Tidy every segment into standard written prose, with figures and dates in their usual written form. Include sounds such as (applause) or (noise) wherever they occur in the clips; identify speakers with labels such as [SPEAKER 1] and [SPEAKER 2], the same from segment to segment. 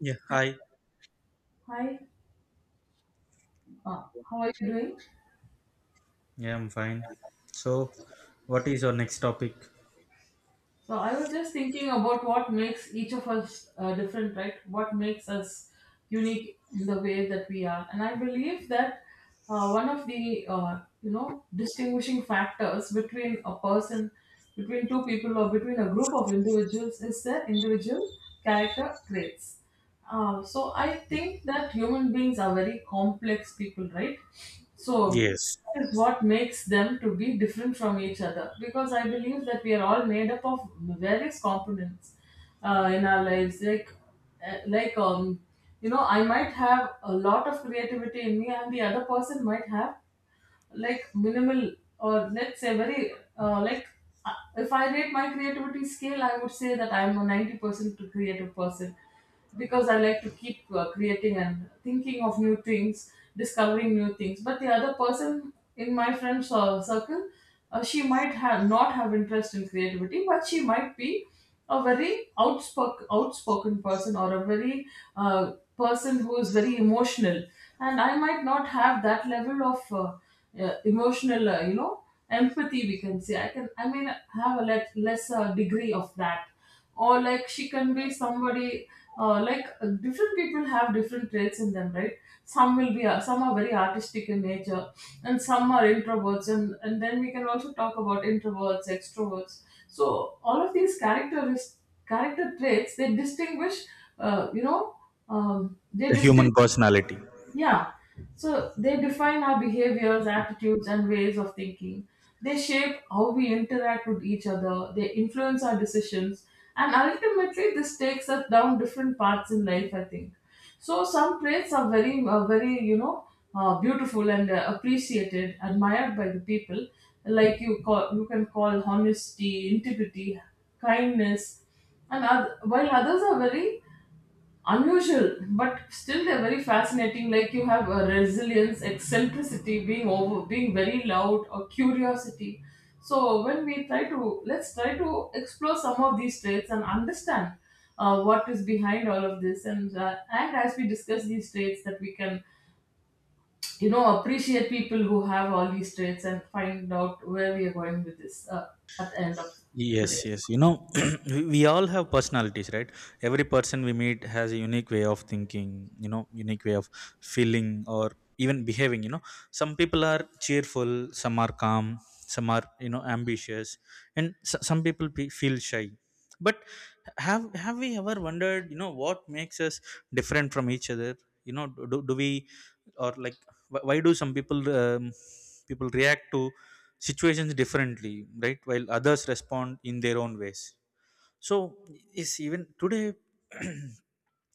[SPEAKER 1] Yeah, hi.
[SPEAKER 2] Hi, uh, how are you doing?
[SPEAKER 1] Yeah, I'm fine. So, what is your next topic?
[SPEAKER 2] So I was just thinking about what makes each of us different, right? What makes us unique in the way that we are, and I believe that one of the distinguishing factors between a person, between two people, or between a group of individuals is their individual character traits. So I think that human beings are very complex people, right? So
[SPEAKER 1] Yes,
[SPEAKER 2] that is what makes them to be different from each other because I believe that we are all made up of various components in our lives. Like, I might have a lot of creativity in me, and the other person might have like minimal, or let's say very, uh, if I rate my creativity scale, I would say that I'm a 90% creative person because I like to keep creating and thinking of new things, discovering new things. But the other person in my friend's circle, she might have not have interest in creativity, but she might be a very outspoken person, or a very person who is very emotional, and I might not have that level of emotional empathy. We can say I may have a lesser degree of that, or like she can be somebody. Different people have different traits in them, right? Some will be some are very artistic in nature, and some are introverts, and then we can also talk about introverts, extroverts. So all of these character traits, they distinguish uh, you know um, they
[SPEAKER 1] the human
[SPEAKER 2] distinguish
[SPEAKER 1] personality.
[SPEAKER 2] yeah. So they define our behaviors, attitudes, and ways of thinking. They shape how we interact with each other. They influence our decisions. And ultimately, this takes us down different paths in life, I think. So some traits are very beautiful and appreciated, admired by the people. Like you can call honesty, integrity, kindness, and while others are very unusual, but still they're very fascinating. Like you have a resilience, eccentricity, being over, being very loud, or curiosity. So when we try to let's try to explore some of these traits and understand what is behind all of this. And as we discuss these traits, that we can, you know, appreciate people who have all these traits and find out where we are going with this, at the end of today.
[SPEAKER 1] Yes, yes. You know, (clears throat) we all have personalities, right? Every person we meet has a unique way of thinking, you know, unique way of feeling or even behaving, you know. Some people are cheerful, some are calm, some are, you know, ambitious, and some people feel shy. But have we ever wondered, you know, what makes us different from each other? You know, do we, or like, why do some people react to situations differently, right, while others respond in their own ways. So is, even today, (clears throat)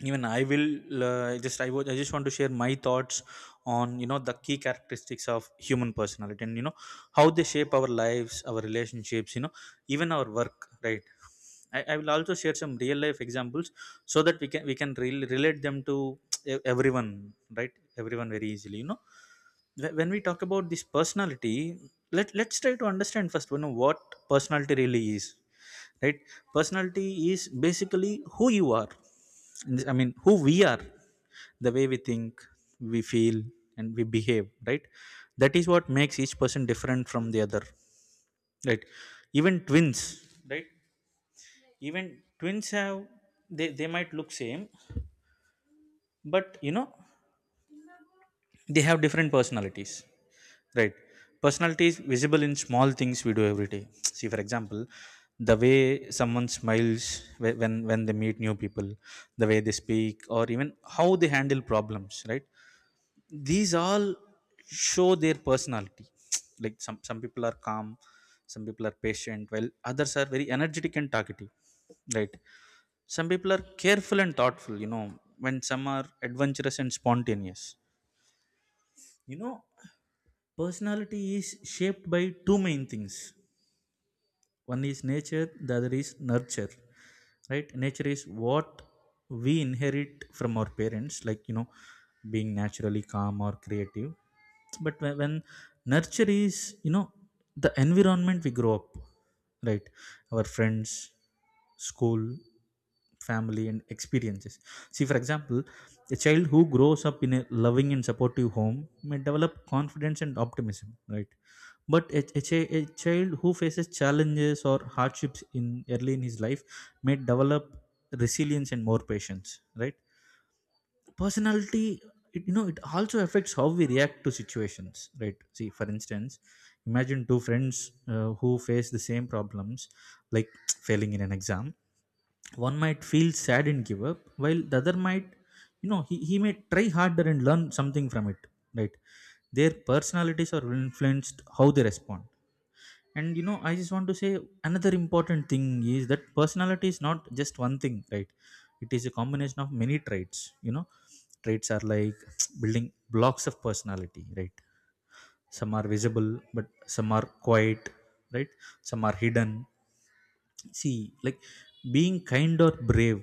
[SPEAKER 1] even I will just I was I just want to share my thoughts on, you know, the key characteristics of human personality, and, you know, how they shape our lives, our relationships, you know, even our work, right? I will also share some real life examples so that we can really relate them to everyone, right? Everyone, very easily, you know. When we talk about this personality, let's try to understand first, you know, what personality really is, right. Personality is basically who you are. I mean, who we are, the way we think, we feel, and we behave, right? That is what makes each person different from the other, right? Even twins, right. Even twins have, they might look same, but, you know, they have different personalities. Right. Personality is visible in small things we do every day. (tsk) See, for example, the way someone smiles when they meet new people, the way they speak, or even how they handle problems. Right. These all show their personality. (tsk) Like, some people are calm, some people are patient, while others are very energetic and talkative. Right. Some people are careful and thoughtful, you know, when some are adventurous and spontaneous. You know, personality is shaped by two main things. One is nature, the other is nurture. Right? Nature is what we inherit from our parents, like, you know, being naturally calm or creative. But when nurture is, you know, the environment we grow up, right? Our friends, school, family, and experiences. See, for example, a child who grows up in a loving and supportive home may develop confidence and optimism, right, but a child who faces challenges or hardships in early in his life may develop resilience and more patience, right. Personality, it, you know, it also affects how we react to situations, right? See, for instance, imagine two friends who face the same problems, like, (tsk) failing in an exam. One might feel sad and give up, while the other might, you know, he may try harder and learn something from it, right? Their personalities are influenced how they respond. And, you know, I just want to say another important thing is that personality is not just one thing, right? It is a combination of many traits, you know. Traits are like (tsk) building blocks of personality, right? Some are visible, but some are quiet, right. Some are hidden. See, like, being kind or brave,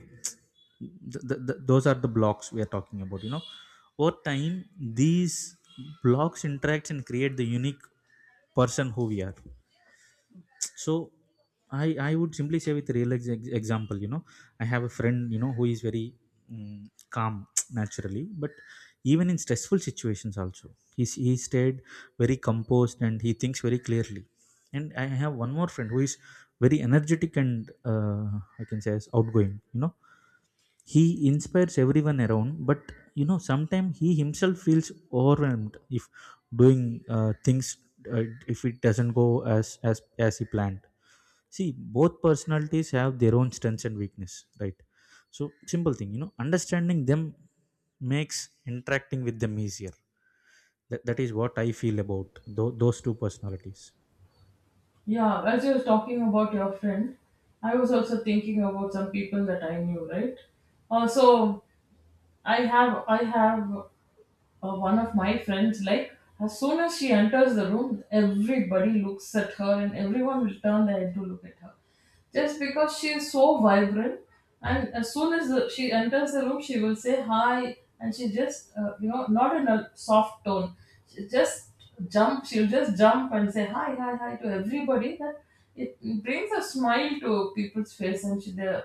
[SPEAKER 1] th th th those are the blocks we are talking about, you know. Over time, these blocks interact and create the unique person who we are. So I would simply say, with real example, you know, I have a friend, you know, who is very calm, (tsk) naturally, but even in stressful situations also, he he stayed very composed and he thinks very clearly. And I have one more friend who is very energetic and, I can say, as outgoing, you know. He inspires everyone around, but, you know, sometimes he himself feels overwhelmed if doing things, uh, if it doesn't go as as as he planned. See, both personalities have their own strengths and weakness, right? So, simple thing, you know, understanding them makes interacting with them easier. That, that is what I feel about those two personalities.
[SPEAKER 2] Yeah, as you were talking about your friend, I was also thinking about some people that I knew, right? So I have one of my friends, like, as soon as she enters the room, everybody looks at her and everyone will turn their head to look at her. Just because she is so vibrant, and as soon as she enters the room, she will say hi, and she just, not in a soft tone, she just she'll just jump and say hi, hi, hi to everybody. That it brings a smile to people's face, and she, they're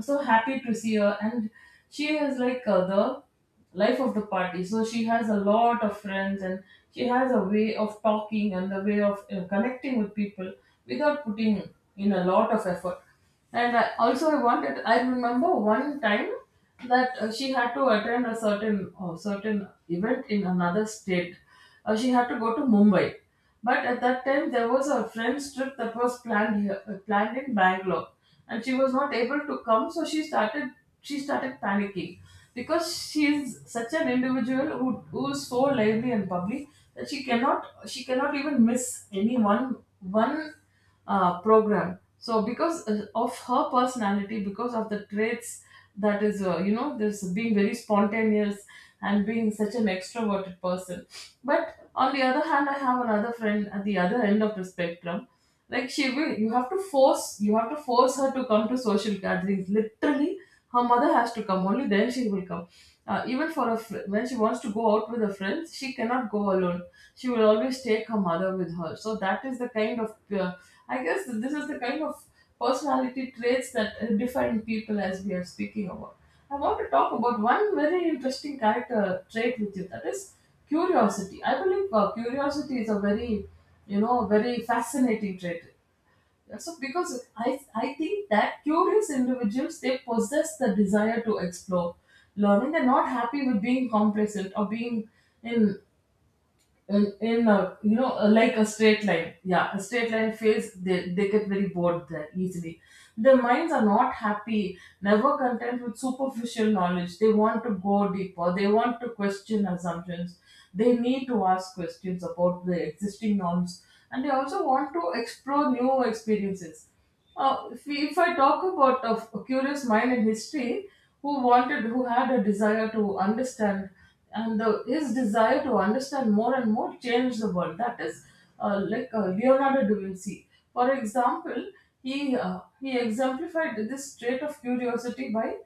[SPEAKER 2] so happy to see her, and she is like the life of the party. So she has a lot of friends, and she has a way of talking and the way of connecting with people without putting in a lot of effort. And I, also I wanted I remember one time that she had to attend a certain event in another state. She had to go to Mumbai. But at that time, there was a friend's trip that was planned in Bangalore, and she was not able to come. So she started panicking, because she is such an individual who is so lively and bubbly that she cannot even miss any one program. So because of her personality, because of the traits, that is, this being very spontaneous and being such an extroverted person. But on the other hand, I have another friend at the other end of the spectrum. Like she will, you have to force her to come to social gatherings. Literally, her mother has to come. Only then she will come. Even for a when she wants to go out with her friends, she cannot go alone. She would always take her mother with her. So that is the kind of, I guess this is the kind of personality traits that define people, as we are speaking about. I want to talk about one very interesting character trait with you, that is curiosity. I believe curiosity is a very, you know, very fascinating trait. Yeah, so because I think that curious individuals, they possess the desire to explore, learning. They're not happy with being complacent or being in in a, like a straight line, yeah, a straight line fails. They get very bored there easily. Their minds are not happy, never content with superficial knowledge. They want to go deeper, they want to question assumptions, they need to ask questions about the existing norms, and they also want to explore new experiences. If I talk about a, a curious mind in history, who had a desire to understand, and his desire to understand more and more changed the world. That is, Leonardo da Vinci. For example, he exemplified this trait of curiosity by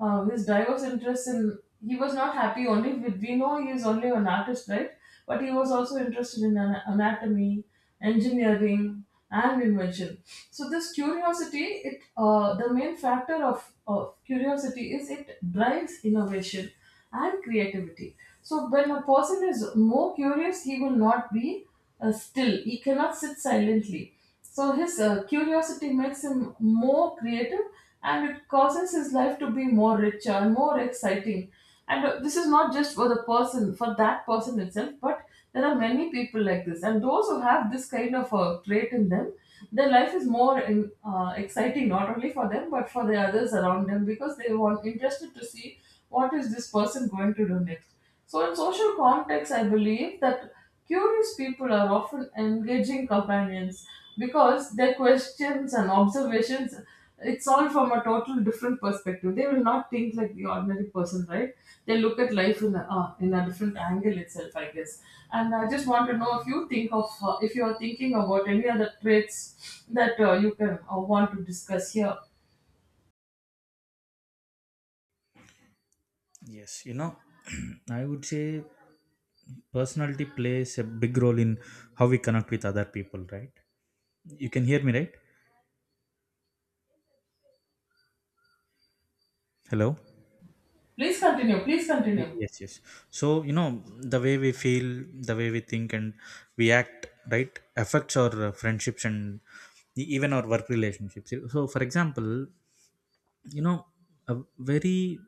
[SPEAKER 2] his diverse interests in he was not happy, only with, we know, he is only an artist, right? But he was also interested in anatomy, engineering, and invention. So this curiosity, it, the main factor of curiosity is it drives innovation and creativity. So when a person is more curious, he will not be still, he cannot sit silently. So his curiosity makes him more creative, and it causes his life to be more richer and more exciting. And this is not just for the person, for that person itself, but there are many people like this. And those who have this kind of a trait in them, their life is more exciting, not only for them, but for the others around them, because they want interested to see what is this person going to do next. So in social context, I believe that curious people are often engaging companions, because their questions and observations, it's all from a total different perspective. They will not think like the ordinary person, right? They look at life in a, different angle itself, I guess. And I just want to know if you think of if you are thinking about any other traits that you can, want to discuss here.
[SPEAKER 1] Yes, you know, (clears throat) I would say personality plays a big role in how we connect with other people, right? You can hear me, right? Hello?
[SPEAKER 2] Please continue. Please
[SPEAKER 1] Y-
[SPEAKER 2] continue.
[SPEAKER 1] yes yes. So, you know, the way we feel, the way we think, and we act, right, affects our friendships and even our work relationships. So, for example, you know, a very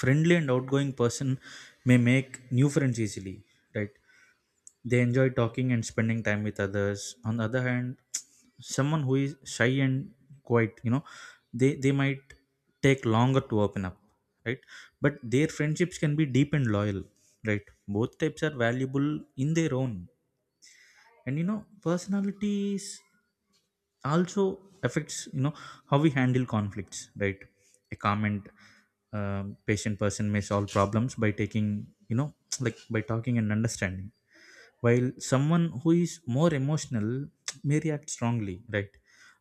[SPEAKER 1] friendly and outgoing person may make new friends easily, right. They enjoy talking and spending time with others. On the other hand, (tsk) someone who is shy and quiet, you know, they might take longer to open up, right? But their friendships can be deep and loyal, right? Both types are valuable in their own. And, you know, personalities also affects, you know, how we handle conflicts, right? A calm and patient person may solve problems by taking, you know, (tsk) like, by talking and understanding, while someone who is more emotional (tsk) may react strongly, right.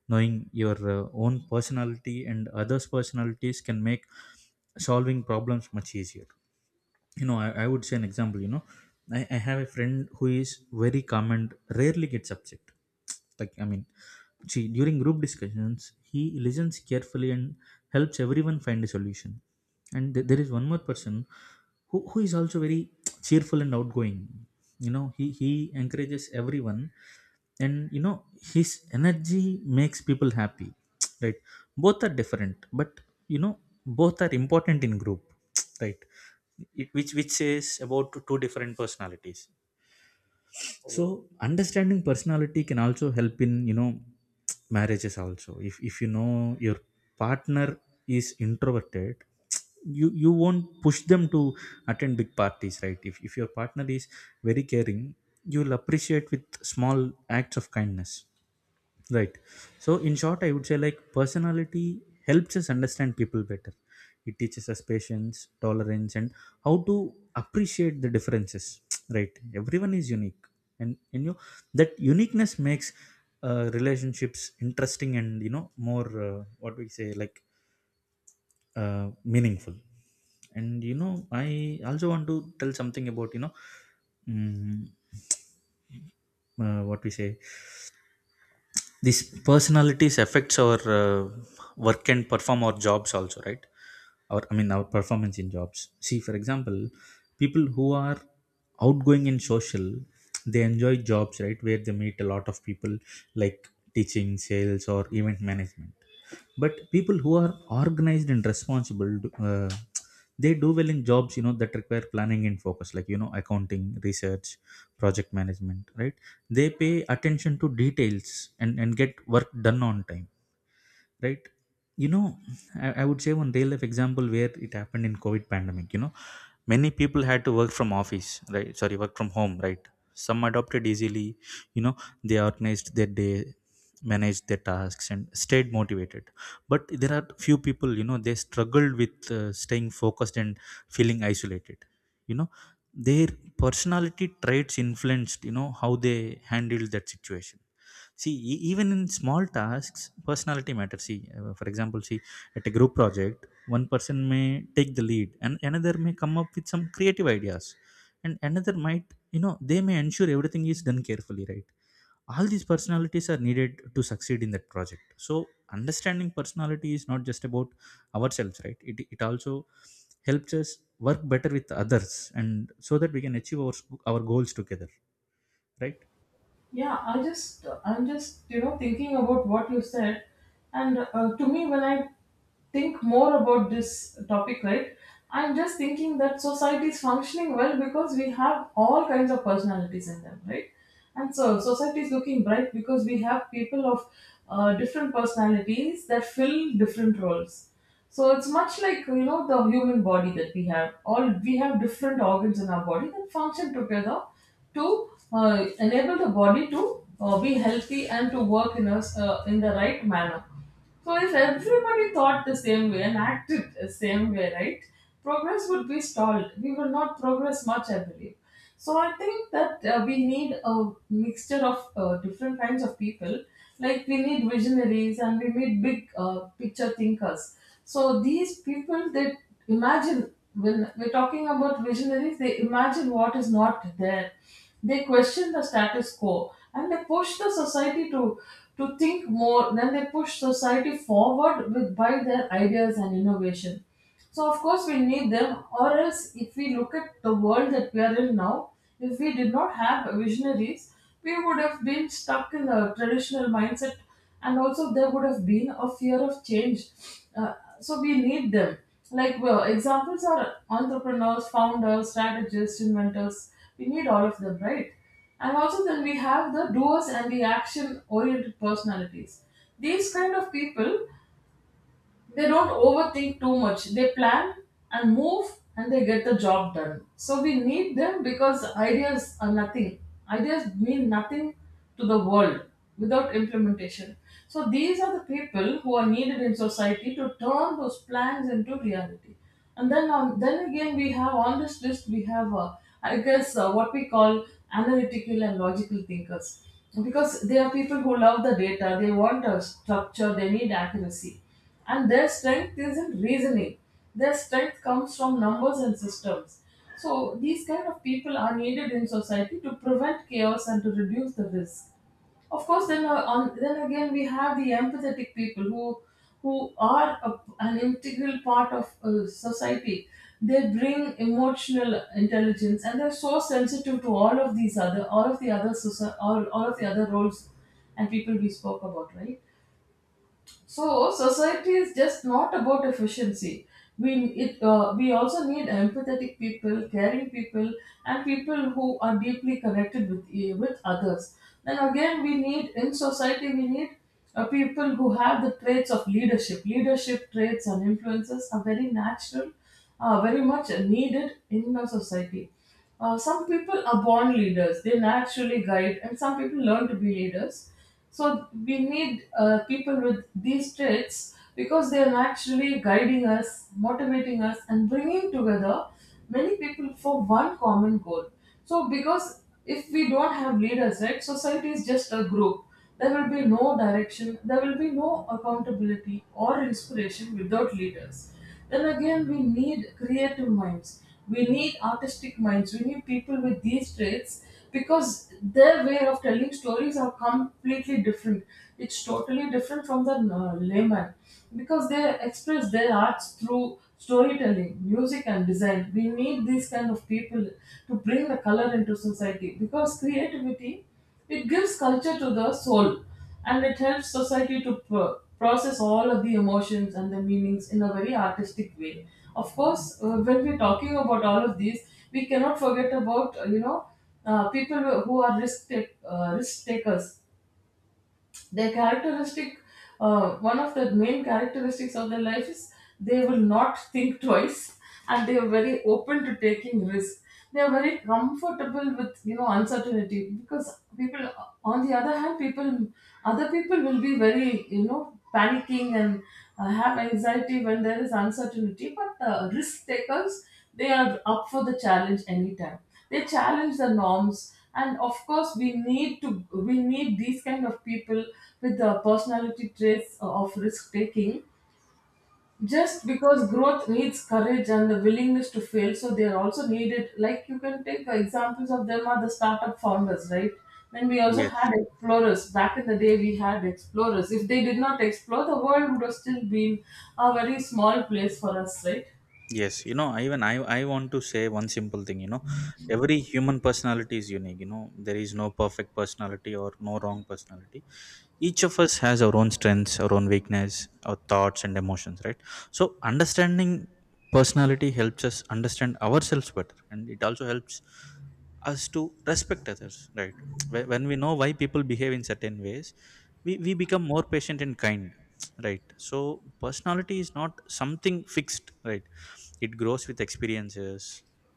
[SPEAKER 1] Knowing your own personality and others personalities can make solving problems much easier. You know, I would say an example. You know, I have a friend who is very calm and rarely gets upset, like, I mean, see, during group discussions, he listens carefully and helps everyone find a solution. And there is one more person who is also very cheerful and outgoing, you know. He encourages everyone, and, you know, his energy makes people happy. (tsk) Right. Both are different, but, you know, both are important in group. (tsk) Right. It, which says about two different personalities. So, understanding personality can also help in, you know, (tsk) marriages also. If you know your partner is introverted, you won't push them to attend big parties, right? If your partner is very caring, you'll appreciate with small acts of kindness. Right. So, in short, I would say, like, personality helps us understand people better. It teaches us patience, tolerance, and how to appreciate the differences. (tsk) Right. Everyone is unique, and, you know, that uniqueness makes relationships interesting, and, you know, more, what we say, like, meaningful. And, you know, I also want to tell something about, you know, mm, what we say, these personalities affects our work and perform our jobs also, right, or I mean our performance in jobs. See, for example, people who are outgoing and social, they enjoy jobs, right, where they meet a lot of people, like teaching, sales, or event management. But people who are organized and responsible, uh, they do well in jobs, you know, that require planning and focus, like, you know, accounting, research, project management, right. They pay attention to details and get work done on time, right. You know, I would say one real life example, where it happened in COVID pandemic, you know, many people had to work from office, right, sorry, work from home, right. Some adopted easily, you know. They organized their day, managed their tasks, and stayed motivated. But there are few people, you know, they struggled with staying focused and feeling isolated, you know. Their personality traits influenced, you know, how they handled that situation. See, even in small tasks, personality matters. See, for example, see, at a group project, one person may take the lead, and another may come up with some creative ideas. And another might, you know, they may ensure everything is done carefully, right? All these personalities are needed to succeed in that project. So, understanding personality is not just about ourselves, right? It also helps us work better with others, and so that we can achieve our goals together, right?
[SPEAKER 2] Yeah, I'm just thinking about what you said, and to me, when I think more about this topic, right? I'm just thinking that society is functioning well because we have all kinds of personalities in them, right? And so society is looking bright because we have people of different personalities that fill different roles. So it's much like, the human body that we have. All we have different organs in our body that function together to enable the body to be healthy and to work in us in the right manner. So if everybody thought the same way and acted the same way, right, progress would be stalled. We will not progress much, I believe. So I think that we need a mixture of different kinds of people. Like we need visionaries, and we need big picture thinkers. So these people, they imagine, when we're talking about visionaries, they imagine what is not there. They question the status quo, and they push the society to think more. Then they push society forward with by their ideas and innovation. So of course we need them, or else if we look at the world that we are in now, if we did not have visionaries, we would have been stuck in the traditional mindset and also there would have been a fear of change, uh, so we need them. Like well, examples are entrepreneurs, founders, strategists, inventors. We need all of them, right? And also then we have the doers and the action oriented personalities. These kind of people, they don't overthink too much, they plan and move and they get the job done. So we need them because ideas are nothing, ideas mean nothing to the world without implementation. So these are the people who are needed in society to turn those plans into reality. And then again we have on this list we have I guess what we call analytical and logical thinkers, because they are people who love the data, they want a structure, they need accuracy, and their strength is in reasoning. Their strength comes from numbers and systems. So these kind of people are needed in society to prevent chaos and to reduce the risk. Of course then on then again we have the empathetic people who who are a, an integral part of society. They bring emotional intelligence and they're so sensitive to all of the other all of the other roles and people we spoke about, right? So society is just not about efficiency. We we also need empathetic people, caring people, and people who are deeply connected with with others. Then again, we need people who have the traits of leadership. Leadership traits and influences are very natural, very much needed in our society. Some people are born leaders; they naturally guide, and some people learn to be leaders. So we need people with these traits because they are actually guiding us, motivating us, and bringing together many people for one common goal. So because if we don't have leaders, right, society is just a group. There will be no direction. There will be no accountability or inspiration without leaders. Then again, we need creative minds. We need artistic minds. We need people with these traits because their way of telling stories are completely different. It's totally different from the layman, because they express their arts through storytelling, music, and design. We need these kind of people to bring the color into society, because creativity, it gives culture to the soul and it helps society to process all of the emotions and the meanings in a very artistic way. Of course, when we're talking about all of these, we cannot forget about, people who are risk takers. Their characteristic, one of the main characteristics of their life is they will not think twice and they are very open to taking risk. They are very comfortable with, uncertainty, because people, on the other hand, people, other people will be very, panicking and have anxiety when there is uncertainty. But the risk takers, they are up for the challenge anytime. They challenge the norms and of course we need these kind of people with the personality traits of risk taking, just because growth needs courage and the willingness to fail. So they are also needed. Like, you can take the examples of them are the startup founders, right? Then we also
[SPEAKER 1] Yes.
[SPEAKER 2] had explorers back in the day. We had explorers. If they did not explore, the world would have still been a very small place for us, right?
[SPEAKER 1] Yes, you know, even I want to say one simple thing, you know. Every human personality is unique, you know. There is no perfect personality or no wrong personality. Each of us has our own strengths, our own weakness, our thoughts and emotions, right? So, understanding personality helps us understand ourselves better, and it also helps us to respect others, right. When we know why people behave in certain ways, we become more patient and kind, right. So personality is not something fixed, right. It grows with experiences,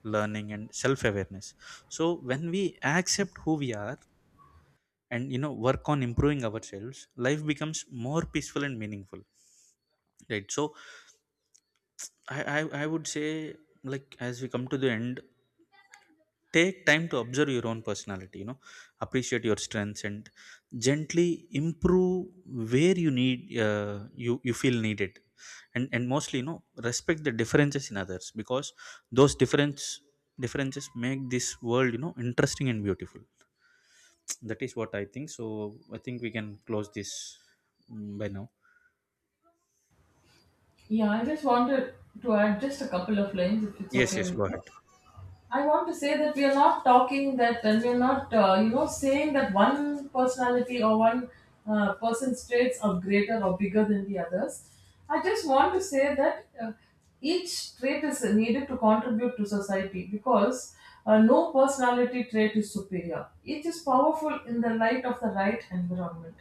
[SPEAKER 1] learning, and self awareness. So, when we accept who we are, and, you know, work on improving ourselves, life becomes more peaceful and meaningful, right. So I would say, like, as we come to the end, take time to observe your own personality, you know, appreciate your strengths and gently improve where you need, you, you feel needed. And mostly, you know, respect the differences in others, because those differences make this world, you know, interesting and beautiful. That is what I think. So I think we can close this by now.
[SPEAKER 2] Yeah, I just wanted to add just a couple of lines if it's
[SPEAKER 1] Yes,
[SPEAKER 2] okay
[SPEAKER 1] yes,
[SPEAKER 2] with
[SPEAKER 1] go
[SPEAKER 2] you.
[SPEAKER 1] ahead.
[SPEAKER 2] I want to say that we are not talking that, and we are not, saying that one personality or one person's traits are greater or bigger than the others. I just want to say that each trait is needed to contribute to society, because no personality trait is superior. Each is powerful in the light of the right environment.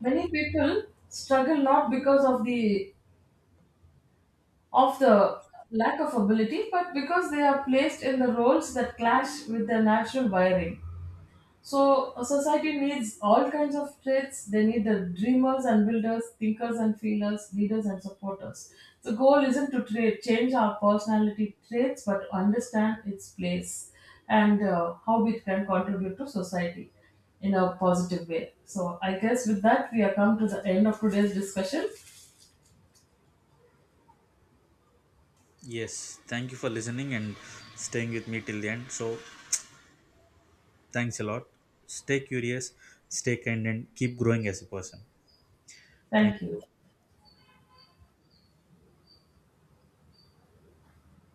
[SPEAKER 2] Many people struggle not because of the of the lack of ability, but because they are placed in the roles that clash with their natural wiring. So, a society needs all kinds of traits. They need the dreamers and builders, thinkers and feelers, leaders and supporters. The goal isn't to change our personality traits, but to understand its place and how it can contribute to society in a positive way. So, I guess with that, we have come to the end of today's discussion.
[SPEAKER 1] Yes, thank you for listening and staying with me till the end. So, thanks a lot. Stay curious, stay kind, and keep growing as a person. Thank
[SPEAKER 2] Thank you.
[SPEAKER 1] you.